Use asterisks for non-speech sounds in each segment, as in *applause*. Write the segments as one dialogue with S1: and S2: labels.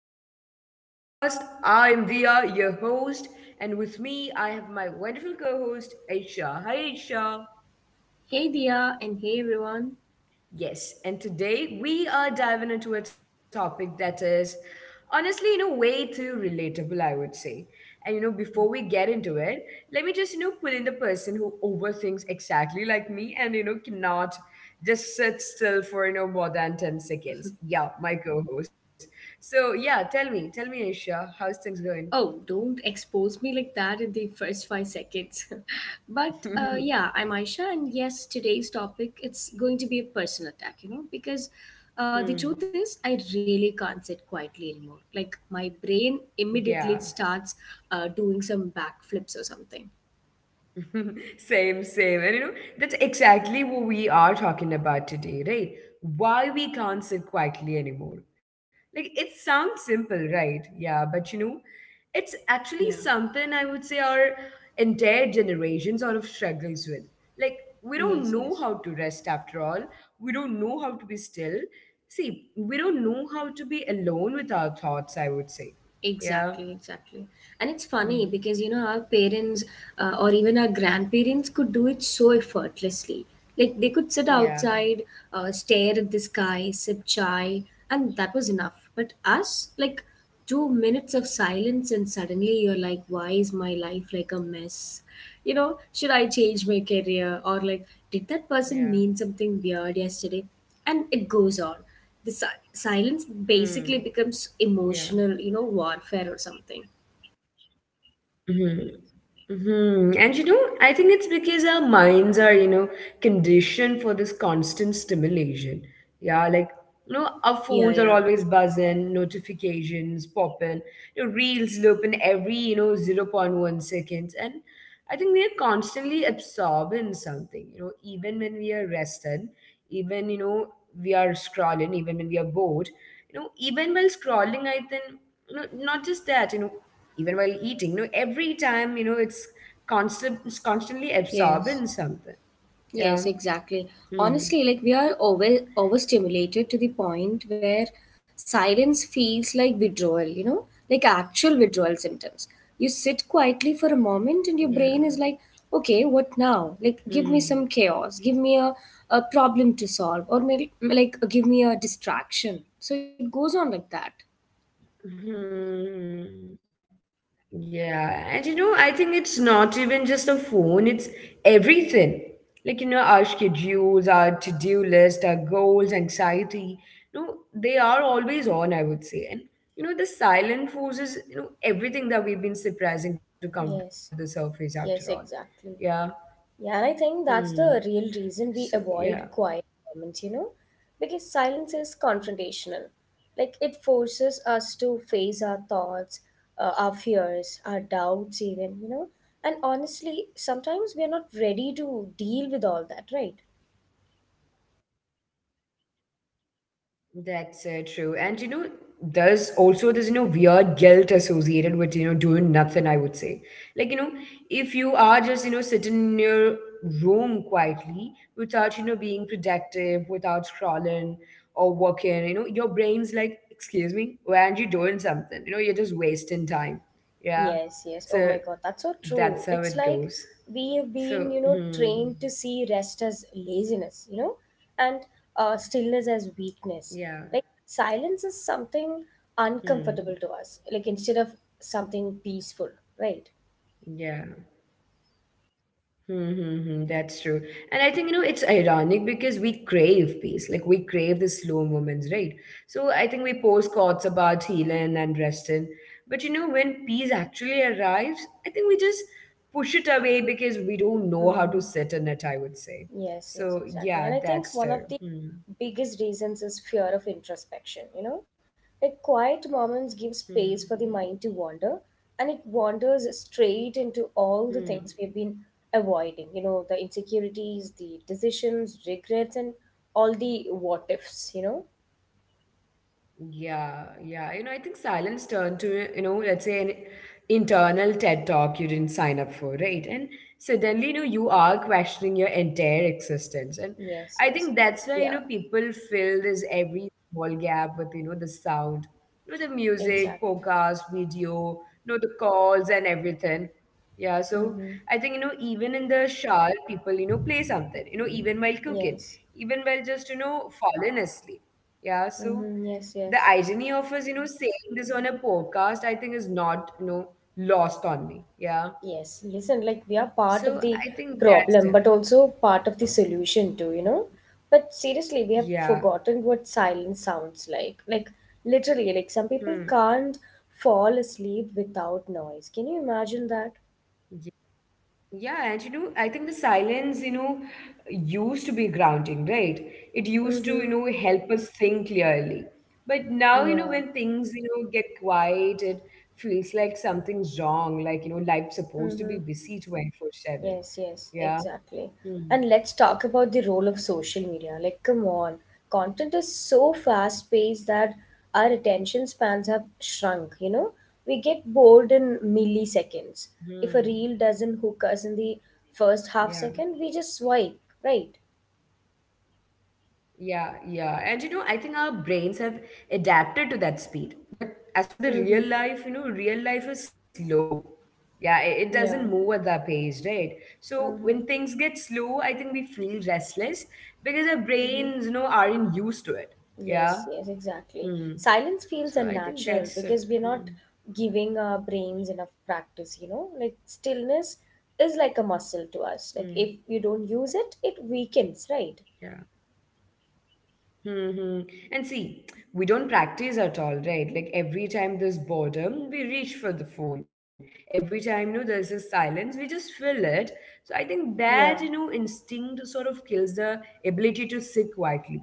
S1: episode of our podcast. I am Dia, your host, and with me I have my wonderful co-host Aisha. Hi Aisha.
S2: Hey Dia and hey everyone.
S1: Yes, and today we are diving into a topic that is honestly, way too relatable, I would say. And before we get into it, let me just pull in the person who overthinks exactly like me and, cannot just sit still for, more than 10 seconds. Yeah, my co host. So, yeah, tell me, Isha, how's things going?
S2: Oh, don't expose me like that in the first 5 seconds. *laughs* But yeah, I'm
S1: *laughs*
S2: Aisha, and yes, today's topic, it's going to be a personal attack, because the truth
S1: Hmm,
S2: is I really can't sit quietly anymore. Like my brain
S1: yeah.
S2: immediately starts doing some backflips or something.
S1: *laughs* Same. And you know, that's exactly what we are talking about today, right? Why we can't sit quietly anymore. Like, it sounds simple, right? Yeah, but you know, it's actually
S2: Yeah.
S1: something I would say our entire generation sort of struggles with. Like, we don't
S2: Yes.
S1: know
S2: Yes.
S1: how to rest after all, we don't know how to be still. See, we don't know how to be alone with our thoughts, I would say. Yeah.
S2: Exactly, exactly. And it's funny
S1: Hmm.
S2: because, our parents or even our grandparents could do it so effortlessly. Like they could sit outside,
S1: Yeah.
S2: stare at the sky, sip chai, and that was enough. But us, like 2 minutes of silence, and suddenly you're like, why is my life like a mess? Should I change my career? Or
S1: Yeah.
S2: like, did that person mean something weird yesterday? And it goes on. The silence
S1: Hmm.
S2: basically becomes
S1: Yeah.
S2: emotional warfare or something.
S1: Hmm. Hmm. And you know, I think it's because our minds are, conditioned for this constant stimulation. Yeah, like, you know, our
S2: Yeah,
S1: phones
S2: yeah.
S1: are always buzzing, notifications popping, reels looping every, 0.1 seconds. And I think we're constantly absorbing something, you know, even when we are rested, even, we are scrolling, even when we are bored, even while scrolling, I think, not just that, even while eating, every time, it's constantly absorbing
S2: Yes,
S1: something. Yeah.
S2: yes, exactly.
S1: Mm.
S2: Honestly, like we are overstimulated to the point where silence feels like withdrawal, like actual withdrawal symptoms. You sit quietly for a
S1: Yeah.
S2: moment and your brain is like, okay,
S1: Hmm.
S2: what now? Like, give me some chaos, give me a problem to solve, or maybe, like, give me a distraction. So it goes on like that.
S1: Hmm. Yeah. And you know, I think it's not even just a phone, it's everything. Like, you know, our schedules, our to-do list, our goals, anxiety, they are always on, I would say. And you know, the silent forces, you know, everything that we've been surprising to come to the surface after
S2: Yes,
S1: all. Yeah.
S2: yes, exactly.
S1: Hmm.
S2: Yeah, and I
S1: So
S2: think that's
S1: yeah.
S2: the real reason we avoid quiet moments, because silence is confrontational. Like it
S1: Hmm.
S2: forces us to face our thoughts,
S1: It is.
S2: our fears, our doubts, even. And honestly, sometimes we are not ready to deal with all that, right?
S1: That's true. And you know, there's also this, weird guilt associated with, doing nothing, I would say. Like, if you are just, sitting in your room quietly without, being productive, without scrolling or working, you know, your brain's like, excuse me, why aren't you doing something? You know, you're just wasting time. Yeah. So
S2: Yes, yes. Oh my God,
S1: that's
S2: that's
S1: how
S2: so
S1: it
S2: true.
S1: goes.
S2: It's like
S1: So,
S2: we have
S1: hmm,
S2: been, trained to see rest as laziness, and stillness as weakness. Like
S1: yeah,
S2: silence is something uncomfortable to us,
S1: hmm,
S2: like instead of something peaceful, right?
S1: yeah. Mm-hmm, that's true. And I think, it's ironic because we crave peace. Like, we crave the slow moments, right? So I think we post quotes about healing and resting. But, you know, when peace actually arrives, I think we just push it away because we don't know how to
S2: Mm-hmm.
S1: sit in it, I would say.
S2: Yes, yes,
S1: So,
S2: exactly.
S1: yeah,
S2: And I think
S1: that's
S2: one of
S1: true.
S2: the
S1: Hmm,
S2: biggest reasons is fear of introspection, like quiet moments give space for the mind
S1: hmm,
S2: to wander, and it wanders straight into all the
S1: hmm.
S2: things we've been avoiding, the insecurities, the decisions, regrets, and all the what ifs.
S1: Yeah, yeah. You know, I think silence turned to, let's say an internal TED talk you didn't sign up for, right? And suddenly, you are questioning your entire existence. And
S2: Yes,
S1: I
S2: yes.
S1: think that's why,
S2: Yeah,
S1: people fill this every small gap with, the sound, the music,
S2: exactly.
S1: podcast, video, the calls and everything. Yeah, so
S2: Mm-hmm.
S1: I think, even in the shower, people, play something, even while cooking,
S2: Yes.
S1: even while just, falling asleep. Yeah, so
S2: Mm-hmm. Yes,
S1: the
S2: yes.
S1: irony of us, saying this on a podcast, I think is not, lost on me. Yeah.
S2: Yes, yes, and like we are part
S1: So
S2: of the
S1: I think that's
S2: problem,
S1: it.
S2: but also part of the solution too.
S1: Mhm.
S2: But seriously, we have
S1: Yeah.
S2: forgotten what silence sounds like. Like literally, like some people
S1: Hmm.
S2: can't fall asleep without noise. Can you imagine that?
S1: Ye- Yeah. And, I think the silence, used to be grounding, right? It used to,
S2: Mm-hmm.
S1: help us think clearly. But now,
S2: Yeah.
S1: when things, get quiet, it feels like something's wrong. Like, you know, life's supposed to
S2: Mm-hmm.
S1: be busy 24/7.
S2: Yes, yes,
S1: Yeah.
S2: exactly.
S1: Hmm.
S2: And let's talk about the role of social media. Like, come on, content is so fast paced that our attention spans have shrunk. We get bored in
S1: Hmm.
S2: milliseconds. If a reel doesn't hook
S1: Yeah.
S2: us in the first half second, we just swipe, right?
S1: Yeah, yeah. And you know, I think our brains have adapted to that speed. But as for the real life, you
S2: Mm-hmm.
S1: know, real life is slow. Yeah, it doesn't move at that pace,
S2: Yeah.
S1: right? So when things get slow,
S2: Mm-hmm.
S1: I think we feel restless because our brains,
S2: Mm-hmm.
S1: aren't used to it. Yeah.
S2: Yes, yes,
S1: Hmm.
S2: exactly.
S1: So
S2: Silence
S1: I think
S2: feels
S1: that's
S2: unnatural
S1: hmm,
S2: because we're not giving our brains enough practice. Like, stillness is like a
S1: hmm,
S2: muscle to us. Like, if you don't use it, it weakens,
S1: yeah.
S2: right?
S1: Hmm. And see, we don't practice at all, right? Like every time there's boredom, we reach for the phone. Every time, there's a silence, we just fill it. So I think that,
S2: Yeah,
S1: instinct sort of kills the ability to sit quietly.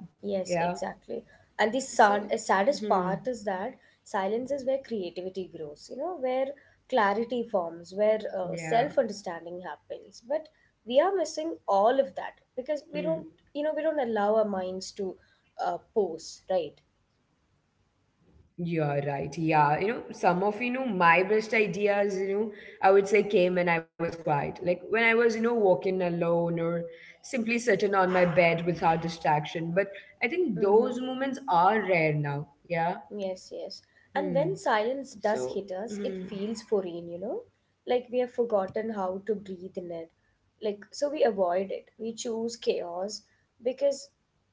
S1: Yeah.
S2: yes, exactly. And the
S1: So,
S2: sad, saddest
S1: hmm,
S2: part is that silence is where creativity grows, where clarity forms, where
S1: yeah.
S2: self understanding happens. But we are missing all of that
S1: Hmm.
S2: because we don't allow our minds to pose, right?
S1: You're right. Yeah. You know, some of, my best ideas, I would say came when I was quiet. Like when I was, walking alone or simply sitting on my bed without distraction. But I think those
S2: Mm-hmm.
S1: moments are rare now. Yeah.
S2: Yes, yes. And when
S1: Hmm.
S2: silence does hit
S1: So,
S2: us, it
S1: hmm.
S2: feels foreign. Like we have forgotten how to breathe in it. Like, so we avoid it. We choose chaos because,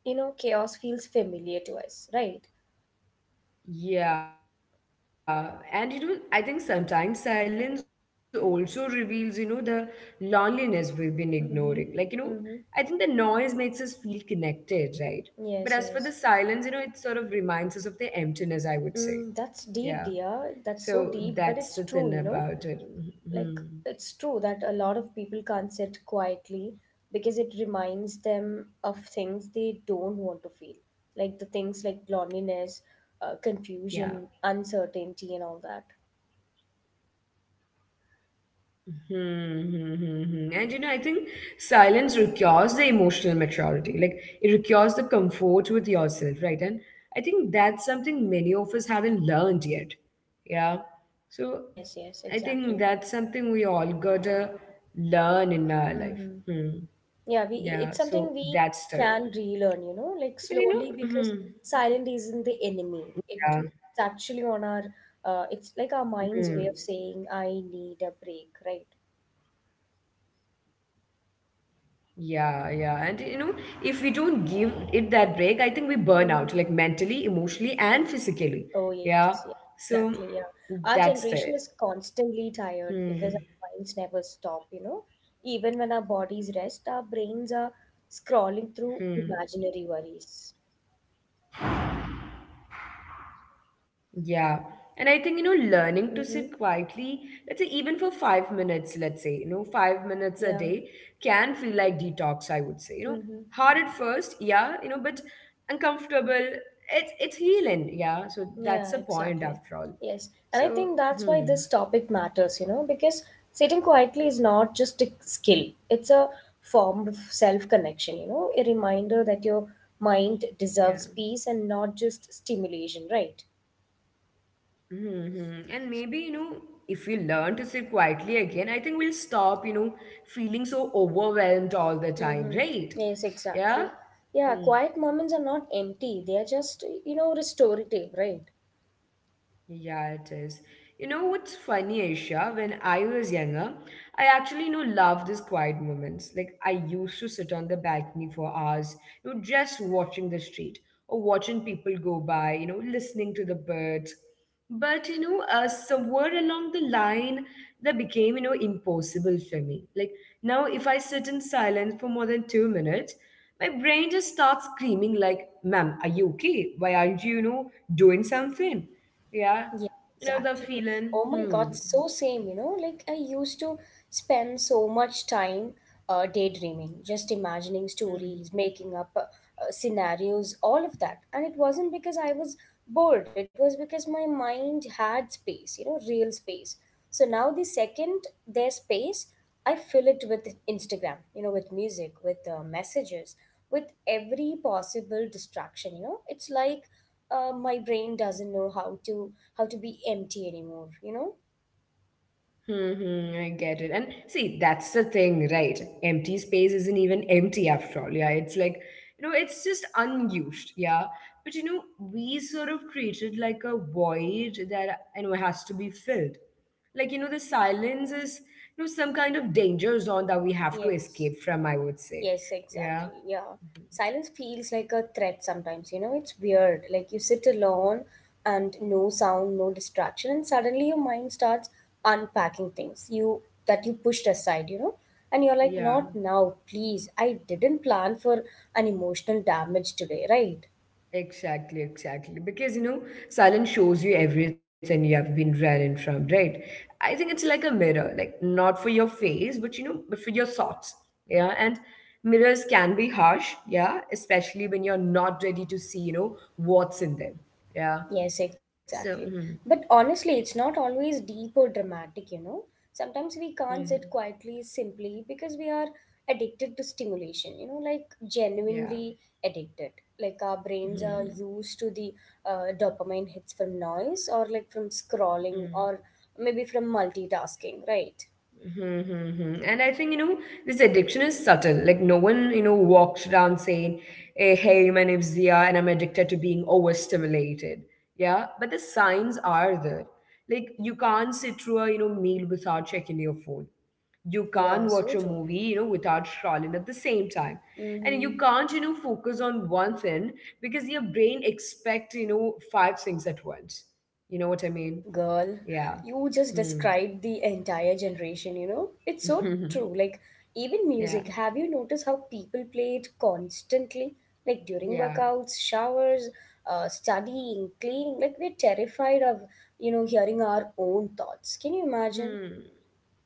S2: chaos feels familiar to us, right?
S1: Yeah, and you know, I think sometimes silence also reveals, the loneliness we've been
S2: Mm-hmm.
S1: ignoring. Like,
S2: Mm-hmm.
S1: I think the noise makes us feel connected, right?
S2: Yes,
S1: But
S2: yes.
S1: as for the silence, it sort of reminds us of the emptiness,
S2: Mm,
S1: I would
S2: that's
S1: say.
S2: deep, dear.
S1: Yeah.
S2: That's so deep, but
S1: So
S2: it's true, you
S1: that's the
S2: know?
S1: thing about it.
S2: Like it's
S1: Mhm.
S2: true that a lot of people can't sit quietly because it reminds them of things they don't want to feel, like the things like loneliness, confusion,
S1: Yeah.
S2: uncertainty, and all that.
S1: Hmm, hmm, hmm, hmm. And you know, I think silence requires the emotional maturity. Like it requires the comfort with yourself, right? And I think that's something many of us haven't learned yet. Yeah. So
S2: Yes, yes,
S1: I
S2: exactly.
S1: think that's something we all gotta learn in our life.
S2: Mm-hmm.
S1: Hmm.
S2: Yeah, it's
S1: Yeah.
S2: something
S1: So
S2: we
S1: that's the.
S2: can relearn, like slowly,
S1: But you
S2: because
S1: know, hmm,
S2: silent isn't the enemy. It's
S1: yeah.
S2: actually on our— it's like our mind's way of saying I
S1: Hmm.
S2: need a break, right?
S1: Yeah, yeah. And you know, if we don't give it that break, I think we
S2: Mm-hmm.
S1: burn out, like mentally, emotionally, and
S2: Oh, yes,
S1: physically.
S2: yeah,
S1: Yeah.
S2: exactly. Yeah.
S1: So
S2: Our generation is
S1: that's it.
S2: constantly tired because our
S1: Hmm.
S2: minds never stop. Even when our bodies rest, our brains are scrolling
S1: Hmm.
S2: through imaginary worries.
S1: Yeah. And I think, learning to
S2: Mm-hmm.
S1: sit quietly, let's say even for 5 minutes, let's say, 5 minutes a day
S2: Yeah.
S1: can feel like detox, I would say. You know,
S2: Mm-hmm.
S1: hard at first, yeah, you know, but uncomfortable. It's healing, yeah. So that's the
S2: Yeah,
S1: point after all.
S2: exactly. Yes.
S1: So,
S2: And I think
S1: hmm.
S2: that's why this topic matters, because sitting quietly is not just a skill, it's a form of self connection, a reminder that your mind deserves
S1: Yeah.
S2: peace and not just stimulation, right?
S1: Mm-hmm. And maybe, if we learn to sit quietly again, I think we'll stop, feeling so overwhelmed all the time,
S2: Mm-hmm.
S1: right?
S2: Yes, exactly.
S1: Yeah?
S2: Yeah,
S1: Hmm.
S2: quiet moments are not empty. They are just, restorative, right?
S1: Yeah, it is. You know what's funny, Aisha? When I was younger, I actually, loved these quiet moments. Like I used to sit on the balcony for hours, just watching the street or watching people go by, listening to the birds. But you know, somewhere along the line, that became, impossible for me. Like now, if I sit in silence for more than 2 minutes, my brain just starts screaming like, "Ma'am, are you okay? Why aren't you, doing something?" Yeah,
S2: Yeah,
S1: you know the
S2: exactly.
S1: feeling.
S2: Oh my God,
S1: Hmm.
S2: so same, like I used to spend so much time daydreaming, just imagining
S1: Hmm.
S2: stories, making up scenarios, all of that. And it wasn't because I was bored, it was because my mind had space, real space. So now the second there's space, I fill it with Instagram, with music, with messages, with every possible distraction. It's like my brain doesn't know how to be empty anymore?
S1: Hmm. Hmm, I get it. And see, that's the thing, right? Empty space isn't even empty after all. Yeah, it's like you know, it's just unused. Yeah, but you know, we sort of treat it like a void that you know has to be filled. Like you know, the silence is you know some kind of danger zone that we have to
S2: Yes.
S1: escape from. I would say.
S2: Yes,
S1: Yeah.
S2: exactly. Yeah. Silence feels like a threat sometimes. It's weird. Like you sit alone and no sound, no distraction, and suddenly your mind starts unpacking things you that you pushed aside. And you're like,
S1: Yeah.
S2: not now, please. I didn't plan for an emotional damage today, right?
S1: Exactly, exactly. Because you know, silence shows you everything you have been running from, right? I think it's like a mirror, like not for your face, but you know, but for your thoughts. Yeah. And mirrors can be harsh, yeah, especially when you're not ready to see, what's in them. Yeah.
S2: Yes,
S1: So,
S2: exactly.
S1: hmm,
S2: But honestly, it's not always deep or dramatic. Sometimes we can't sit
S1: hmm,
S2: quietly simply because we are addicted to stimulation, like
S1: yeah.
S2: genuinely addicted. Like our brains are
S1: Hmm,
S2: used to the dopamine hits from noise, or like from
S1: hmm.
S2: scrolling, or maybe from multitasking, right?
S1: Mm-hmm. Mm-hmm. And I think, this addiction is subtle. Like, no one, walks around saying, hey, my name's Zia, and I'm addicted to being overstimulated. Yeah. But the signs are there. Like, you can't sit through a, meal without checking your phone. You
S2: Yeah,
S1: can't
S2: so
S1: watch a
S2: true.
S1: movie, without scrolling at the same time. And
S2: Mm-hmm.
S1: you can't, focus on one thing because your brain expects, five things at once. You know what I mean?
S2: Girl,
S1: Yeah.
S2: you just
S1: Hmm.
S2: described the entire generation. It's so true.
S1: *laughs*
S2: Like, even music,
S1: Yeah.
S2: have you noticed how people play it constantly? Like, during
S1: Yeah.
S2: workouts, showers, studying, cleaning. Like, we're terrified of, hearing our own thoughts. Can you imagine?
S1: Hmm.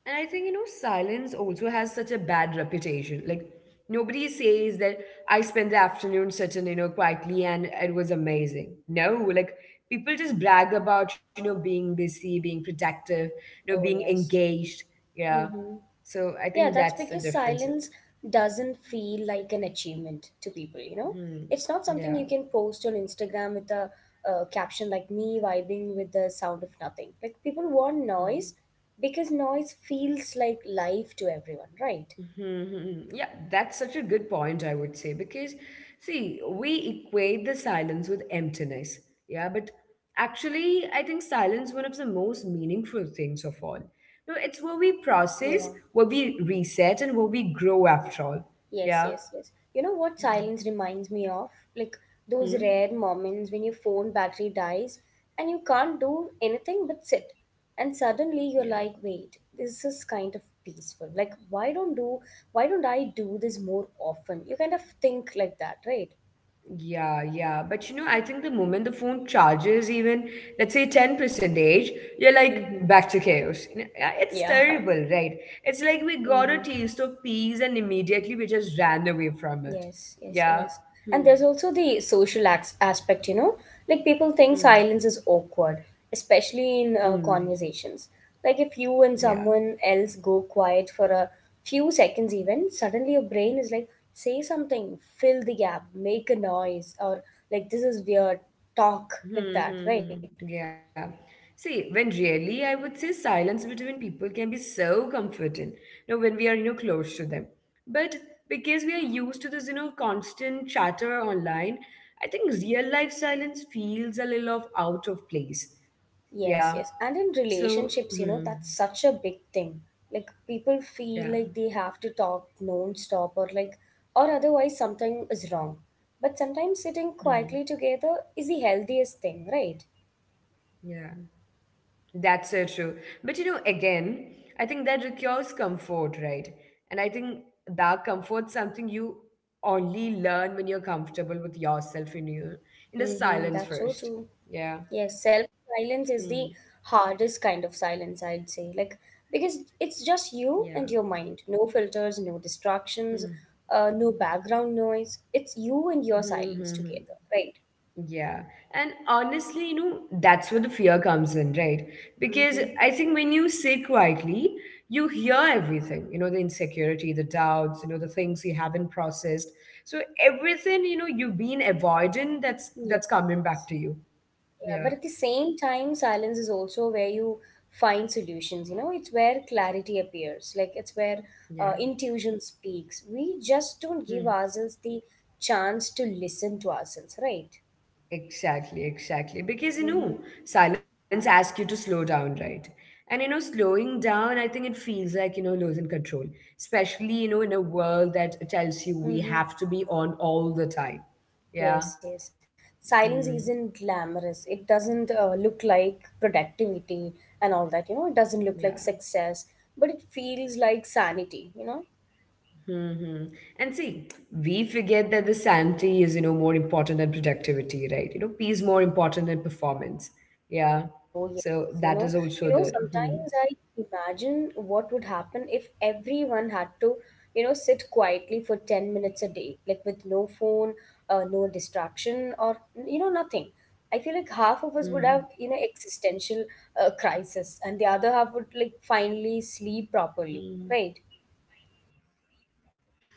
S1: And I think, silence also has such a bad reputation. Like, nobody says that I spent the afternoon sitting, quietly and it was amazing. No, like, people just brag about, being busy, being productive,
S2: Oh,
S1: being
S2: yes.
S1: engaged. Yeah.
S2: Mm-hmm.
S1: So I
S2: Yeah,
S1: think
S2: that's
S1: that's the
S2: because
S1: difference.
S2: silence doesn't feel like an achievement to people.
S1: Hmm.
S2: It's not something
S1: Yeah.
S2: you can post on Instagram with a caption like me vibing with the sound of nothing. Like, people want
S1: Hmm.
S2: noise because noise feels like life to everyone, right?
S1: Mhm. Yeah, that's such a good point, I would say, because see, we equate the silence with emptiness. Yeah, but actually, I think silence one of the most meaningful things of all. No, it's where we process,
S2: Yeah.
S1: where we reset, and where we grow after all.
S2: Yes,
S1: Yeah.
S2: yes, yes. You know what silence reminds me of? Like those
S1: Mhm.
S2: rare moments when your phone battery dies and you can't do anything but sit. And suddenly
S1: Yeah.
S2: you're like, wait, this is kind of peaceful. Like why don't I do this more often? You kind of think like that, right?
S1: Yeah, yeah. But you know, I think the moment the phone charges even, let's say 10 percentage, you're like
S2: Mm-hmm.
S1: back to chaos. You know, yeah, It's
S2: Yeah. *laughs*
S1: terrible, right? It's like we got a
S2: Mm-hmm.
S1: taste of peace and immediately we just ran away from it.
S2: Yes, yes,
S1: Yeah.
S2: yes. And
S1: Hmm.
S2: there's also the social aspect, like people think
S1: Hmm.
S2: silence is awkward, especially in
S1: Hmm.
S2: conversations. Like if you and
S1: Yeah.
S2: someone else go quiet for a few seconds, even suddenly your brain is like, say something, fill the gap, make a noise, or like this is weird, talk like that, right?
S1: Mm-hmm. Yeah. See, when really, I would say silence between people can be so comforting, you know, when we are, you know, close to them. But because we are used to this, you know, constant chatter online, I think real life silence feels a little of out of place. Yeah.
S2: Yes, yes. And in
S1: So, hmm,
S2: relationships, that's such a big thing. Like people
S1: yeah.
S2: feel like they have to talk non-stop or otherwise something is wrong. But sometimes sitting
S1: Hmm,
S2: quietly together is the healthiest thing, right?
S1: yeah. That's so true. But you know, again, I think that requires comfort, right? And I think that comfort's something you only learn when you're comfortable with yourself in the
S2: Mm-hmm,
S1: silence
S2: that's so
S1: first.
S2: true.
S1: Yeah.
S2: Yes,
S1: Hmm.
S2: self-silence is the hardest kind of silence, I'd say. Like because it's
S1: Yeah.
S2: just you and your mind. No filters, no distractions, no background noise. It's you and your silence
S1: Hmm. *laughs*
S2: together, right?
S1: Yeah. And honestly, you know, that's where the fear comes in, right? Because
S2: Mm-hmm.
S1: I think when you sit quietly, you hear everything, you know, the insecurity, the doubts, you know, the things you haven't processed. So everything, you know, you've been avoiding that's coming
S2: Yes.
S1: back to you.
S2: Yeah, but
S1: Yeah.
S2: at the same time, silence is also where you find solutions. It's where clarity appears. Like it's where
S1: Yeah.
S2: intuition speaks. We just don't give
S1: Hmm.
S2: ourselves the chance to listen to ourselves, right?
S1: Exactly, exactly. Because you
S2: Mm-hmm.
S1: know, silence asks you to slow down, right? And you know, slowing down, I think it feels like, you know, losing control, especially, you know, in a world that tells you we have
S2: Mm-hmm.
S1: to be on all the time. Yeah.
S2: Yes, yes. Silence
S1: Hmm.
S2: isn't glamorous. It doesn't look like productivity and all that. It doesn't
S1: Yeah.
S2: look like success, but it feels like sanity.
S1: hmm hmm. And see, we forget that the sanity is, you know, more important than productivity, right? You know, peace more important than performance. Yeah.
S2: Oh yes,
S1: So
S2: you
S1: that
S2: know,
S1: is also the. Hmm.
S2: sometimes I imagine what would happen if everyone had to, sit quietly for 10 minutes a day, like with no phone, no distraction or nothing. I feel like half of us would have,
S1: Hmm.
S2: existential crisis, and the other half would like finally sleep properly,
S1: hmm.
S2: right?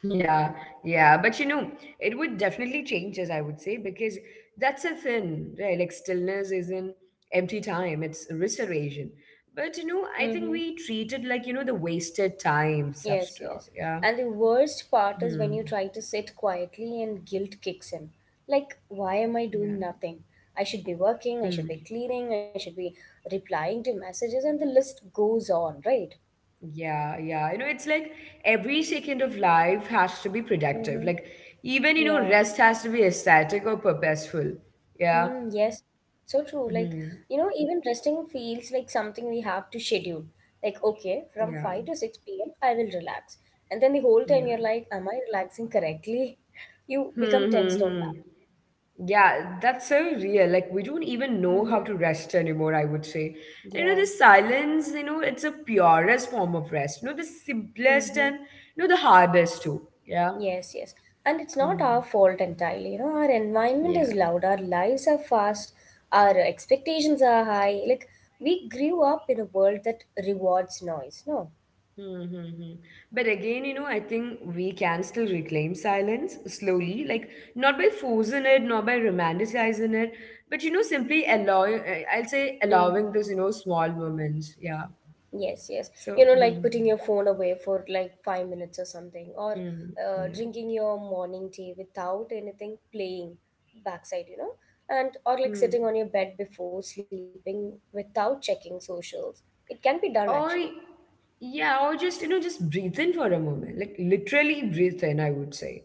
S1: Yeah, yeah, but you know, it would definitely change us, I would say, because that's a thing, right? Like stillness isn't empty time, it's restoration. But you know, I
S2: Mm-hmm.
S1: think we treat it like, you know, the wasted time stuff.
S2: Yes, yes.
S1: Yeah.
S2: And the worst part is
S1: Hmm.
S2: when you try to sit quietly and guilt kicks in. Like, why am I
S1: Yeah.
S2: doing nothing? I should be working, I should
S1: Hmm.
S2: be cleaning, I should be replying to messages, and the list goes on, right?
S1: Yeah, You know, it's like every second of life has to be productive.
S2: Mm-hmm.
S1: Like even, you know,
S2: Yeah.
S1: rest has to be aesthetic or purposeful. Yeah.
S2: Mm, yes. So true. Like,
S1: Hmm.
S2: even resting feels like something we have to schedule. Like, okay,
S1: Yeah.
S2: from 5 to 6 p.m., I will relax. And then the whole time
S1: Yeah.
S2: you're like, am I relaxing correctly? *laughs* You
S1: Hmm.
S2: become
S1: hmm,
S2: tensed on
S1: hmm.
S2: that.
S1: Yeah, that's so real. Like, we don't even know how
S2: Mm-hmm.
S1: to rest anymore, I would say. And, you
S2: Yeah.
S1: know, the silence, you know, it's a purest form of rest. You know, the simplest
S2: Mm-hmm.
S1: and, you know, the hardest too. Yeah.
S2: Yes, yes. And it's not our
S1: Mhm.
S2: fault entirely. Our environment is
S1: Yeah.
S2: loud, our lives are fast, our expectations are high. Like, we grew up in a world that rewards noise, no?
S1: Mm-hmm. hmm. But again, you know, I think we can still reclaim silence slowly, like not by forcing it, not by romanticizing it, but, you know, simply I'll say allowing
S2: Mm-hmm.
S1: those, you know, small moments. Yeah.
S2: Yes, yes. You
S1: So,
S2: know, like putting your phone away for like 5 minutes or something, or
S1: mm-hmm.
S2: drinking your morning tea without anything playing backside, you know, and or like
S1: Yeah.
S2: sitting on your bed before sleeping without checking socials. It can be done actually.
S1: Or, yeah, or just, you know, just breathe in for a moment. Like, literally breathe in, I would say.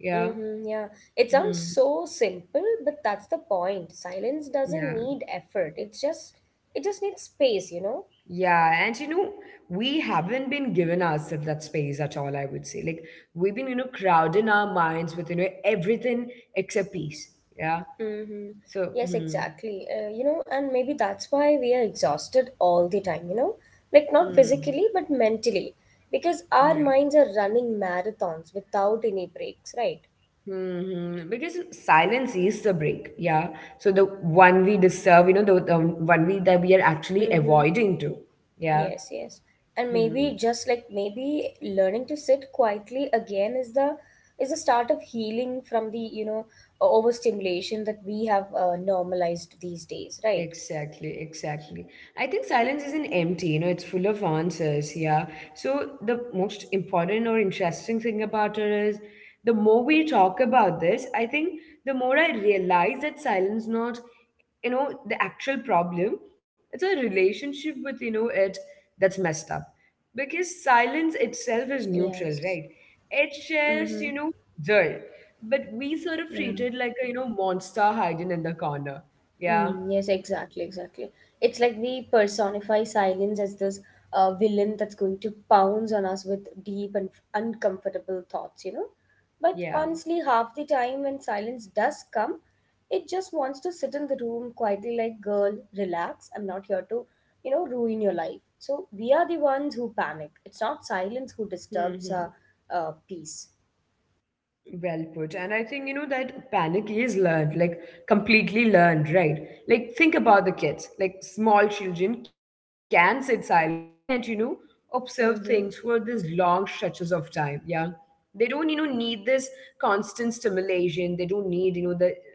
S1: Yeah.
S2: Mm-hmm, yeah, it sounds
S1: Hmm.
S2: so simple, but that's the point. Silence doesn't
S1: Yeah.
S2: need effort. It just needs space, you know.
S1: Yeah. And, you know, we haven't been given ourselves that space at all, I would say. Like, we've been, you know, crowding our minds with, you know, everything except peace. Yeah.
S2: Mm-hmm.
S1: So,
S2: Yes,
S1: hmm.
S2: exactly. You know, and maybe that's why we are exhausted all the time. You know, like not
S1: Hmm.
S2: physically but mentally, because our
S1: Yeah.
S2: minds are running marathons without any breaks, right?
S1: Because silence is the break, yeah. So the one we deserve, you know, the one we that we are actually
S2: Mm-hmm.
S1: avoiding to, yeah.
S2: Yes, yes. And
S1: Hmm.
S2: maybe just like maybe learning to sit quietly again is the start of healing from the, you know, overstimulation that we have normalized these days, right?
S1: Exactly, exactly. I think silence isn't empty, you know, it's full of answers. Yeah. So, the most important or interesting thing about it is the more we talk about this, I think the more I realize that silence not, you know, the actual problem. It's a relationship with, you know, it that's messed up. Because silence itself is neutral, right?
S2: Yes.
S1: It shares, you
S2: Mm-hmm.
S1: know, there. But we sort of
S2: Yeah.
S1: treat it like a, you know, monster hiding in the corner. Yeah.
S2: Mm, yes, exactly, exactly. It's like we personify silence as this villain that's going to pounce on us with deep and uncomfortable thoughts, you know? But
S1: Yeah.
S2: honestly, half the time when silence does come, it just wants to sit in the room quietly, like, girl, relax. I'm not here to, you know, ruin your life. So we are the ones who panic. It's not silence who disturbs
S1: hmm
S2: our peace.
S1: Well put. And I think, you know, that panic is learned, like completely learned, right? Like, think about the kids. Like, small children can sit silently and, you know, observe things for these
S2: Mm-hmm.
S1: long stretches of time. Yeah. They don't, you know, need this constant stimulation. They don't need, you know, the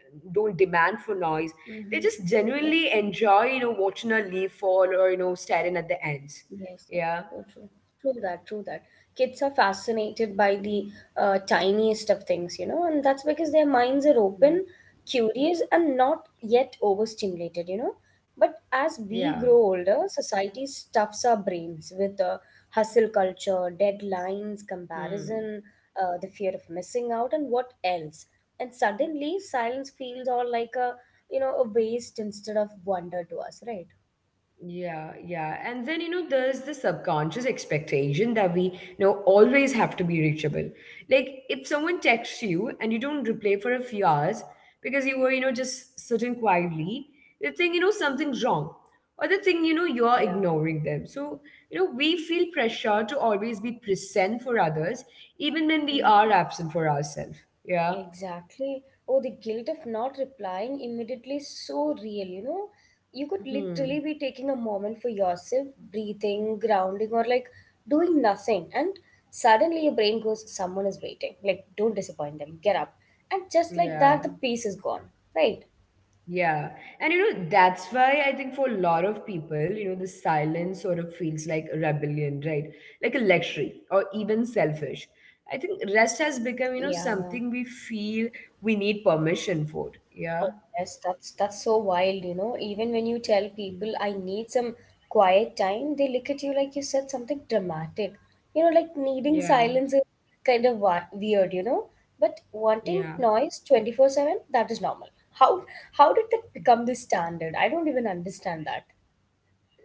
S1: don't demand for noise. They
S2: Mm-hmm.
S1: just genuinely enjoy, you know, watching a leaf fall or, you know, staring at the ants.
S2: Yes, so
S1: Yeah.
S2: so true. True that, true that. Kids are fascinated by the tiniest of things, you know, and that's because their minds are
S1: Yeah.
S2: open, curious, and not yet overstimulated, you know. But as we
S1: Yeah.
S2: grow older, society stuffs our brains with hustle culture, deadlines,
S1: Hmm.
S2: comparison, the fear of missing out, and what else. And suddenly, silence feels all like a, you know, a waste instead of wonder to us, right?
S1: Yeah, And then, you know, there's the subconscious expectation that we, you know, always have to be reachable. Like, if someone texts you and you don't reply for a few hours because you were, you know, just sitting quietly, they think, you know, something's wrong. Or they think, you know, you're
S2: Yeah.
S1: ignoring them. So, you know, we feel pressure to always be present for others, even when we
S2: Mm-hmm.
S1: are absent for ourselves. Yeah.
S2: Exactly. Oh, the guilt of not replying immediately is so real, you know? You could literally
S1: hmm
S2: be taking a moment for yourself, breathing, grounding, or like doing nothing. And suddenly your brain goes, "Someone is waiting. Like, don't disappoint them. Get up." And just like
S1: Yeah.
S2: that, the peace is gone. Right?
S1: Yeah. And you know, that's why I think for a lot of people, you know, the silence sort of feels like rebellion, right? Like a luxury or even selfish. I think rest has become, you know,
S2: Yeah, yeah.
S1: something we feel we need permission for. Yeah.
S2: Oh, yes, that's so wild, you know. Even when you tell people I need some quiet time, they look at you like you said something dramatic. You know, like needing
S1: Yeah.
S2: silence is kind of weird, you know. But wanting
S1: Yeah.
S2: noise 24/7, that is normal. How how did that become the standard? I don't even understand that.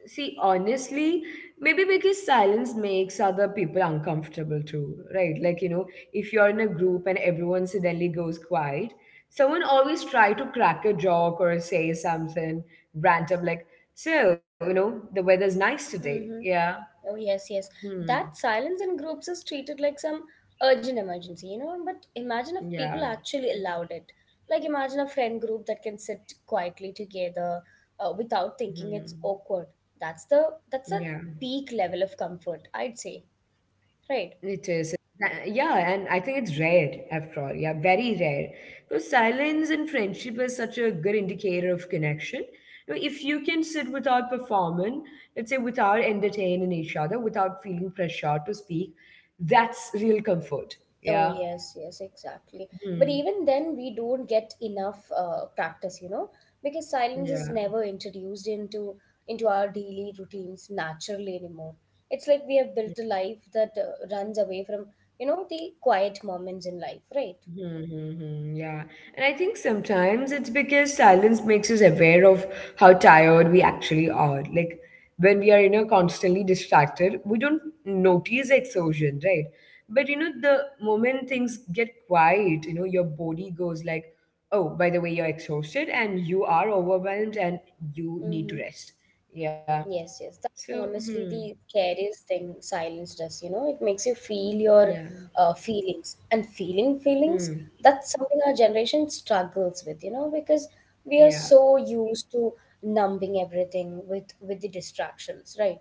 S1: See, honestly, maybe because silence makes other people uncomfortable too, right? Like, you know, if you're in a group and everyone suddenly goes quiet, someone always try to crack a joke or say something random like, so, you know, the weather's nice today.
S2: Mm-hmm.
S1: Yeah.
S2: Oh, yes, yes. That
S1: Hmm.
S2: silence in groups is treated like some urgent emergency, you know? But imagine if people
S1: Yeah.
S2: actually allowed it. Like, imagine a friend group that can sit quietly together without thinking it's
S1: Hmm.
S2: awkward. That's the that's a
S1: Yeah.
S2: peak level of comfort, I'd say, right?
S1: It is. Yeah, and I think it's rare after all. Yeah, very rare. Because silence in friendship is such a good indicator of connection. You know, if you can sit without performing, let's say without entertaining each other, without feeling pressured to speak, that's real comfort.
S2: Oh,
S1: Yeah.
S2: yes, yes, exactly. But
S1: Hmm.
S2: even then, we don't get enough practice, you know, because silence is
S1: Yeah.
S2: never introduced into our daily routines naturally anymore. It's like we have built a life that runs away from, you know, the quiet moments in life, right?
S1: Mm-hmm, yeah. And I think sometimes it's because silence makes us aware of how tired we actually are. Like when we are, you know, constantly distracted, we don't notice exhaustion, right? But you know, the moment things get quiet, you know, your body goes like, oh, by the way, you're exhausted and you are overwhelmed and you need
S2: Mm-hmm.
S1: to rest. Yeah.
S2: Yes, yes. That's
S1: So, hmm,
S2: honestly the scariest thing silence does, you know. It makes you feel your
S1: yeah.
S2: feelings. And feeling feelings,
S1: Hmm,
S2: that's something our generation struggles with, you know, because we are
S1: yeah.
S2: so used to numbing everything with the distractions, right?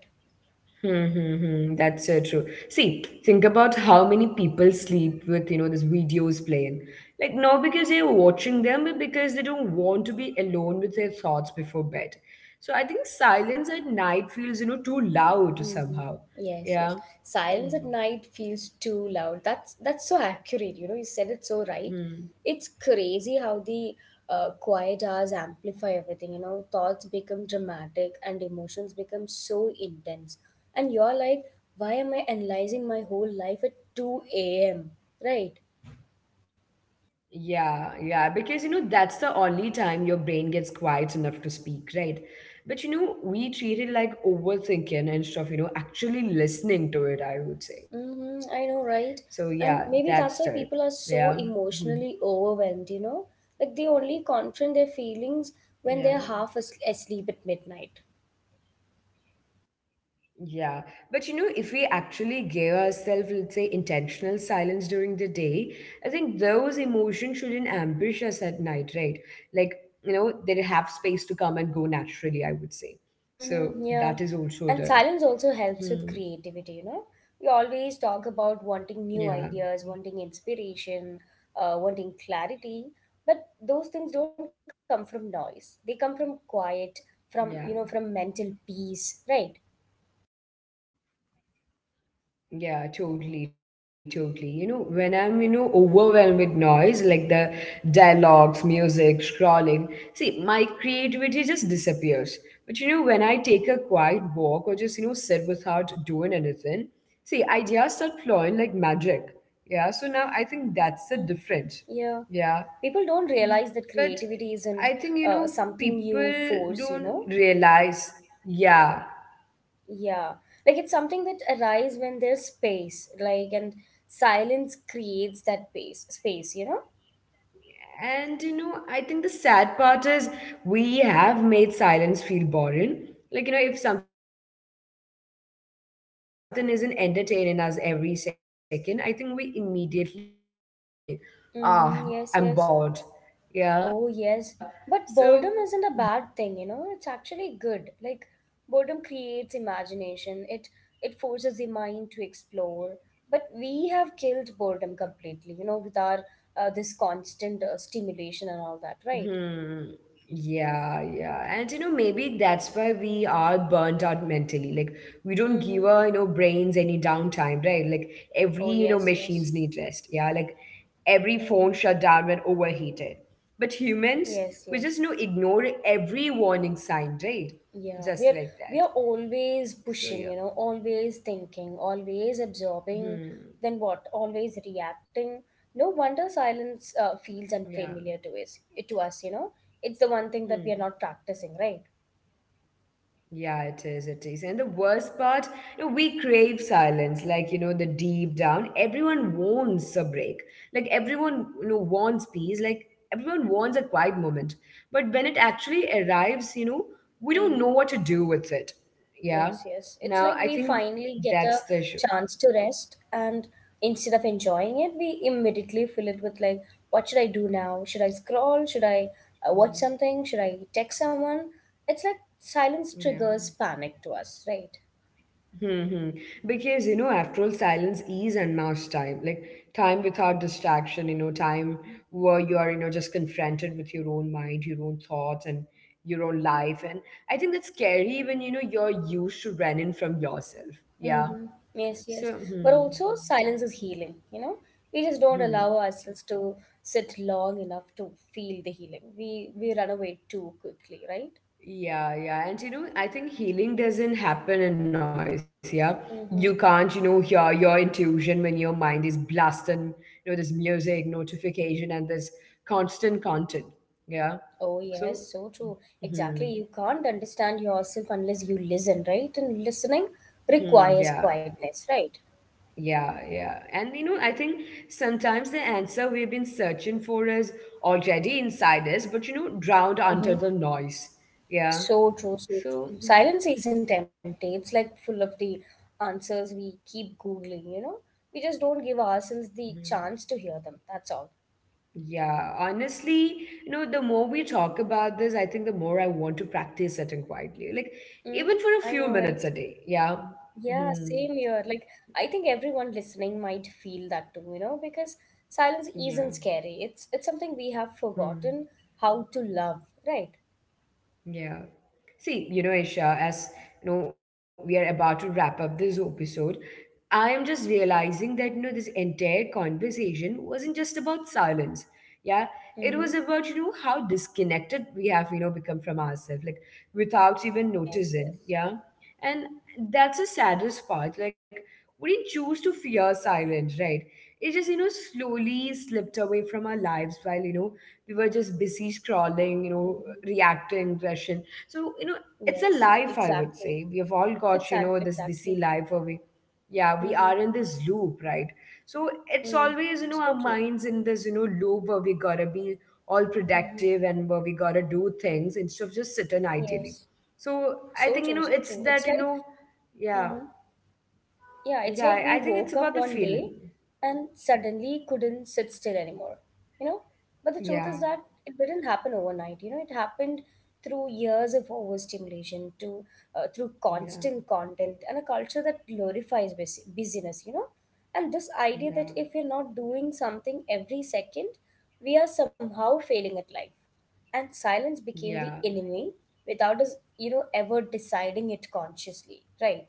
S1: Hmm. That's so true. See, think about how many people sleep with, you know, these videos playing. Like, not because they're watching them, but because they don't want to be alone with their thoughts before bed. So I think silence at night feels, you know, too loud
S2: Mm-hmm.
S1: somehow.
S2: Yes,
S1: Yeah.
S2: yes. Silence
S1: Hmm.
S2: at night feels too loud. That's so accurate. You know, you said it so right.
S1: Hmm.
S2: It's crazy how the quiet hours amplify everything. You know, thoughts become dramatic and emotions become so intense. And you're like, why am I analyzing my whole life at 2 a.m.? Right?
S1: Yeah, yeah, because you know that's the only time your brain gets quiet enough to speak, right? But you know, we treat it like overthinking instead of, you know, actually listening to it, I would say. So
S2: Mm-hmm, I
S1: yeah,
S2: know, right?
S1: that's the
S2: And maybe
S1: yeah.
S2: that's why people
S1: mhm,
S2: are so emotionally overwhelmed, you know? Like they only confront their feelings
S1: Yeah.
S2: when they're half asleep at midnight.
S1: Yeah, but you know, if we actually give ourselves, let's say, intentional silence during the day, I think those emotions shouldn't ambush us at night, right? Like, you know, they have space to come and go naturally, I would
S2: Mm-hmm,
S1: say.
S2: yeah.
S1: So
S2: And silence
S1: that is
S2: also
S1: also
S2: helps with
S1: there.
S2: creativity, you know?
S1: Hmm.
S2: We always talk about wanting new ideas, wanting
S1: Yeah,
S2: inspiration, wanting clarity, but those things don't come from noise. They come from quiet, from, you know, from mental peace, right?
S1: yeah. Yeah, totally, totally. You know, when I'm, you know, overwhelmed with noise, like the dialogues, music, scrolling, see, my creativity just disappears. But, you know, when I take a quiet walk or just, you know, sit without doing anything, see, ideas start flowing like magic. Yeah, so now I think that's the
S2: Mm-hmm.
S1: difference.
S2: Yeah.
S1: Yeah.
S2: People
S1: But
S2: don't
S1: I
S2: realize that
S1: think, you know,
S2: creativity isn't
S1: people don't
S2: something you
S1: realize.
S2: force, you
S1: Yeah.
S2: know? Yeah.
S1: Mhm.
S2: Like it's something that
S1: Yeah.
S2: arises when there's space, like, and silence creates that space, you know?
S1: And you know, I think the sad part is we have made silence feel boring. Like, you know, if something isn't entertaining us every second, I think we immediately think, ah, I'm bored.
S2: Mm-hmm.
S1: Yeah.
S2: Yes, yes.
S1: So that
S2: Oh,
S1: is
S2: yes.
S1: also there.
S2: But boredom isn't a bad thing, you know? It's
S1: Yeah.
S2: actually good. Like boredom creates imagination. It forces the mind to explore. But we have killed boredom completely, you know, with our this constant stimulation and all that, right?
S1: Hmm. Yeah, And you know, maybe that's why we are burnt out mentally. Like we don't give
S2: Mm-hmm.
S1: our, you know, brains any downtime, right? Like every,
S2: Oh
S1: you know,
S2: yes, yes.
S1: machines need rest. Yeah. Like every
S2: Mm-hmm.
S1: phone shut down when overheated. But
S2: Yes,
S1: humans,
S2: yes.
S1: we just know ignore every warning sign, right?
S2: Yeah, we
S1: Just
S2: are
S1: like that.
S2: always
S1: So yeah.
S2: pushing, you know, always thinking, always
S1: Hmm.
S2: absorbing, then what? Always reacting. No wonder silence
S1: Yeah.
S2: feels unfamiliar to us, you know. It's the one thing that
S1: Hmm.
S2: we are not practicing right.
S1: Yeah, it is. It is. And the worst part, you know, we crave silence. Like, you know, the deep down, everyone wants a break. Like, everyone, you know, wants peace. Like, everyone wants a quiet moment. But when it actually arrives, you know, we don't know
S2: Hmm.
S1: what to do with it. Yeah.
S2: Yes, yes. It's
S1: Now,
S2: like
S1: I
S2: we
S1: think
S2: finally get
S1: that's
S2: a
S1: the issue.
S2: chance to rest, and instead of enjoying it, we immediately fill it with like, what should I do now? Should I scroll? Should I watch
S1: Yeah.
S2: something? Should I text someone? It's like silence
S1: Yeah.
S2: triggers panic to us, right?
S1: hmm Because, you know, after all, silence is unmasked time, like time without distraction, you know, time where you are, you know, just confronted with your own mind, your own thoughts, and your own life. And I think that's scary when, you know, you're used to running from yourself. Yeah.
S2: Mm-hmm. Yes, yes.
S1: So,
S2: But
S1: hmm.
S2: also, silence is healing, you know? We just don't
S1: Hmm.
S2: allow ourselves to sit long enough to feel the healing. We run away too quickly, right?
S1: Yeah, And you know, I think healing doesn't happen in noise, yeah. You
S2: Mm-hmm.
S1: can't, you know, hear your intuition when your mind is blasting, you know, this music, notification, and this constant content. Yeah.
S2: Oh, yes,
S1: So,
S2: so true. Exactly.
S1: hmm,
S2: You can't understand yourself unless you listen, right? And listening
S1: yeah,
S2: requires quietness, right?
S1: yeah. And you know, I think sometimes the answer we've been searching for is already inside us, but you know, drowned under
S2: Hmm.
S1: the noise. Yeah.
S2: So true, so
S1: So,
S2: true.
S1: mhm,
S2: Silence isn't empty. It's like full of the answers we keep Googling, you know? We just don't give ourselves the
S1: mhm.
S2: chance to hear them. That's all.
S1: Yeah, honestly, you know, the more we talk about this, I think the more I want to practice sitting quietly, like
S2: Mm,
S1: even for a
S2: I
S1: few
S2: know, right?
S1: minutes a day. Yeah.
S2: Yeah,
S1: hmm
S2: same here. Like, I think everyone listening might feel that too, you know, because silence
S1: Yeah.
S2: isn't scary. It's something we have
S1: Hmm.
S2: forgotten how to love, right?
S1: Yeah. See, you know, Isha, as you know, we are about to wrap up this episode. I am just realizing that you know this entire conversation wasn't just about silence. Yeah, it was
S2: Mm-hmm.
S1: about you know how disconnected we have you know become from ourselves, like without even
S2: Yes,
S1: noticing.
S2: yes.
S1: Yeah, and that's the saddest part. Like we didn't choose to fear silence, right? It just slowly slipped away from our lives while we were just busy scrolling,
S2: Mm-hmm.
S1: reacting, rushing. So, it's a
S2: Yes,
S1: life, I would
S2: exactly.
S1: say, we have all got,
S2: It's at
S1: this busy
S2: exactly.
S1: life where we, yeah, we
S2: Mm-hmm.
S1: are in this loop, right? So it's
S2: Mm.
S1: always,
S2: So
S1: our
S2: true.
S1: minds in this, loop where we gotta be all
S2: Mm-hmm.
S1: productive and where we gotta do things instead of just sitting ideally.
S2: Yes.
S1: So I
S2: So
S1: think,
S2: true, so
S1: it's
S2: true. It's
S1: that,
S2: like,
S1: yeah,
S2: mm-hmm. Yeah, it's
S1: yeah,
S2: like
S1: i
S2: we
S1: I think it's
S2: woke up
S1: about the
S2: one
S1: feeling.
S2: day and suddenly couldn't sit still anymore, you know? But the truth
S1: Yeah,
S2: is that it didn't happen overnight, you know? It happened through years of overstimulation, to through
S1: yeah,
S2: constant content and a culture that glorifies busyness, you know? And this idea that
S1: yeah,
S2: if we're not doing something every second, we are somehow failing at life. And silence became the
S1: yeah.
S2: enemy without us, you know, ever deciding it consciously, right?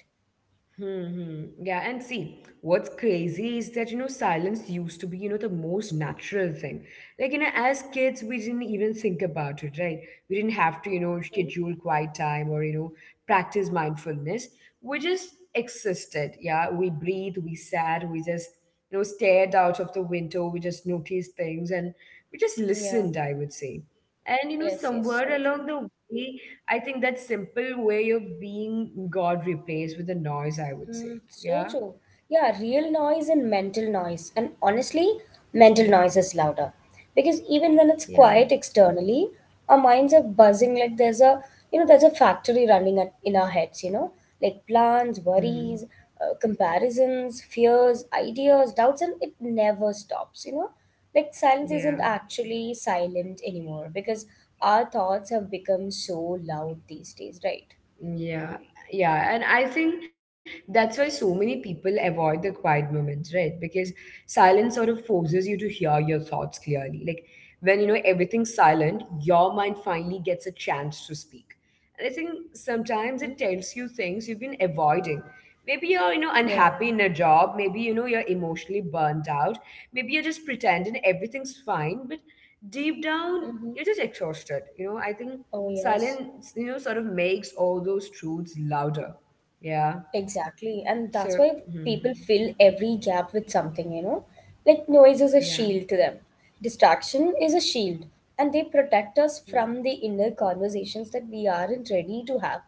S1: Hmm. Yeah, and see, what's crazy is that, silence used to be, the most natural thing. Like, as kids, we didn't even think about it, right? We didn't have to,
S2: Mm-hmm.
S1: schedule quiet time, or, practice mindfulness. We just existed. Yeah, we breathed, we sat, we just, stared out of the window, we just noticed things, and we just
S2: Yeah.
S1: listened, I would say. And,
S2: Yes, yes,
S1: somewhere
S2: so true.
S1: along the way, I think that simple way of being God replaced with a noise, I would say.
S2: Mm, so
S1: Yeah.
S2: true. Yeah, real noise and mental noise. And honestly, mental
S1: Yeah.
S2: noise is louder. Because even when it's
S1: Yeah. Right.
S2: quiet externally, our minds are buzzing like there's a, you know, there's a factory running at, in our heads, you know, like plans,
S1: Mm.
S2: worries, comparisons, fears, ideas, doubts, and it never stops, you know. Like silence
S1: Yeah.
S2: isn't actually silent anymore because our thoughts have become so loud these days, right?
S1: Yeah, yeah, and I think that's why so many people avoid the quiet moments, right? Because silence sort of forces you to hear your thoughts clearly. Like, when everything's silent, your mind finally gets a chance to speak. And I think sometimes
S2: Mm-hmm.
S1: it tells you things you've been avoiding. Maybe you're,
S2: Yeah.
S1: unhappy in a job. Maybe you're emotionally burnt out. Maybe you're just pretending everything's fine, but deep down
S2: Mm-hmm.
S1: you're just exhausted. I think
S2: Oh, yes,
S1: silence sort of makes all those truths louder. Yeah.
S2: exactly. And
S1: So,
S2: that's why
S1: mhm.
S2: people fill every gap with something, you know? Like noise is a
S1: Yeah.
S2: shield to them, distraction is a shield, and they protect us
S1: Mm.
S2: from the inner conversations that we aren't ready to have.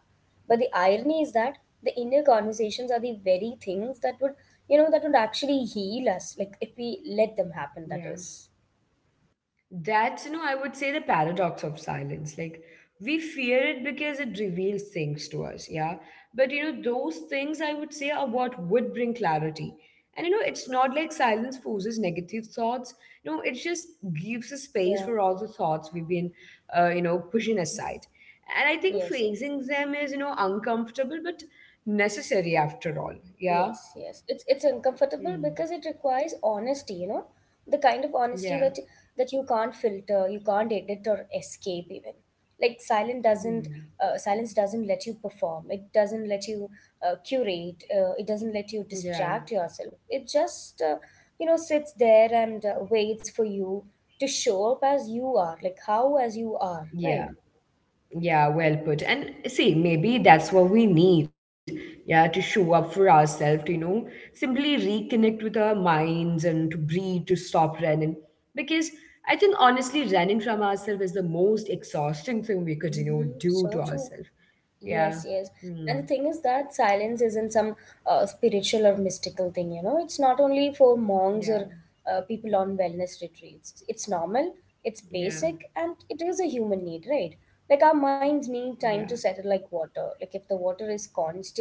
S2: But the irony is that the inner conversations are the very things that would, you know, that would actually heal us, like if we let them happen,
S1: Yeah.
S2: that is.
S1: That's, I would say, the paradox of silence. Like, we fear it because it reveals things to us, yeah? But, those things I would say are what would bring clarity. And, it's not like silence forces negative thoughts. No, it just gives a space
S2: Yeah.
S1: for all the thoughts we've been, pushing
S2: Mm-hmm.
S1: aside. And I think
S2: Yes, yes.
S1: facing them is, uncomfortable but necessary after all, yeah?
S2: Yes, yes. It's uncomfortable
S1: Hmm.
S2: because it requires honesty, you know, the kind of honesty
S1: Yeah.
S2: that that you can't filter, you can't edit or escape even. Like silence doesn't
S1: Hmm.
S2: uh, silence doesn't let you perform. It doesn't let you curate. It doesn't let you
S1: Yeah.
S2: distract yourself. It just you know sits there and waits for you to show up as you are, like how as you are,
S1: Yeah.
S2: right?
S1: Yeah, well put. And see, maybe that's what we need, yeah, to show up for ourselves, simply reconnect with our minds and to breathe, to stop running. Because I think, honestly, running from ourselves is the most exhausting thing we could,
S2: Mm-hmm.
S1: do
S2: So
S1: to
S2: true.
S1: ourselves. Yeah.
S2: Yes, yes.
S1: Hmm.
S2: And the thing is that silence isn't some spiritual or mystical thing, you know. It's not only for monks
S1: Yeah.
S2: or people on wellness retreats. It's normal, it's
S1: Yeah.
S2: basic, and it is a human need, right? Like our minds need time to
S1: Yeah.
S2: settle like water. Like if the water is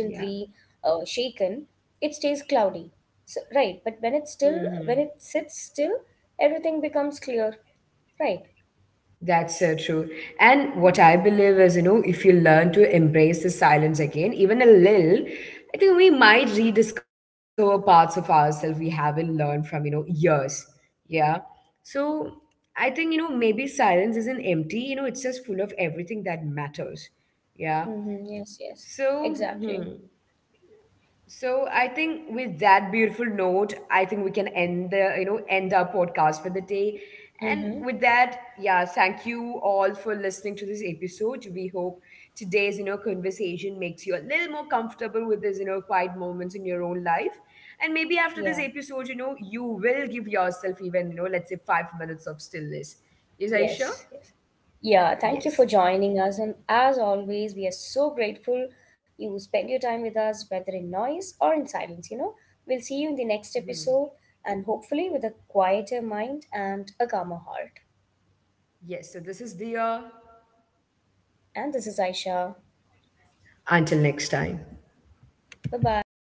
S1: Yeah.
S2: shaken, it stays cloudy. So, right, but when it's still, when
S1: Hmm.
S2: it sits still, everything becomes clear, right?
S1: That's so true. And what I believe is, if you learn to embrace the silence again, even a little, I think we might rediscover parts of ourselves we haven't learned from, years. Yeah. So I think, maybe silence isn't empty, it's just full of everything that matters. Yeah.
S2: Mm-hmm. Yes, yes.
S1: So,
S2: Exactly.
S1: hmm. So I think, with that beautiful note, I think we can end our podcast for the day. And
S2: Mm-hmm.
S1: with that, yeah, thank you all for listening to this episode. We hope today's conversation makes you a little more comfortable with these quiet moments in your own life. And maybe after this
S2: Yeah.
S1: episode, you will give yourself, even, let's say, 5 minutes of stillness. Is
S2: Yes,
S1: Aisha?
S2: yes. Yeah, thank you for
S1: Yes.
S2: joining us. And as always, we are so grateful you spend your time with us, whether in noise or in silence. You know, we'll see you in the next
S1: Hmm.
S2: episode and hopefully with a quieter mind and a calmer heart.
S1: Yes. So this is Dia.
S2: And this is Aisha.
S1: Until next time.
S2: Bye bye.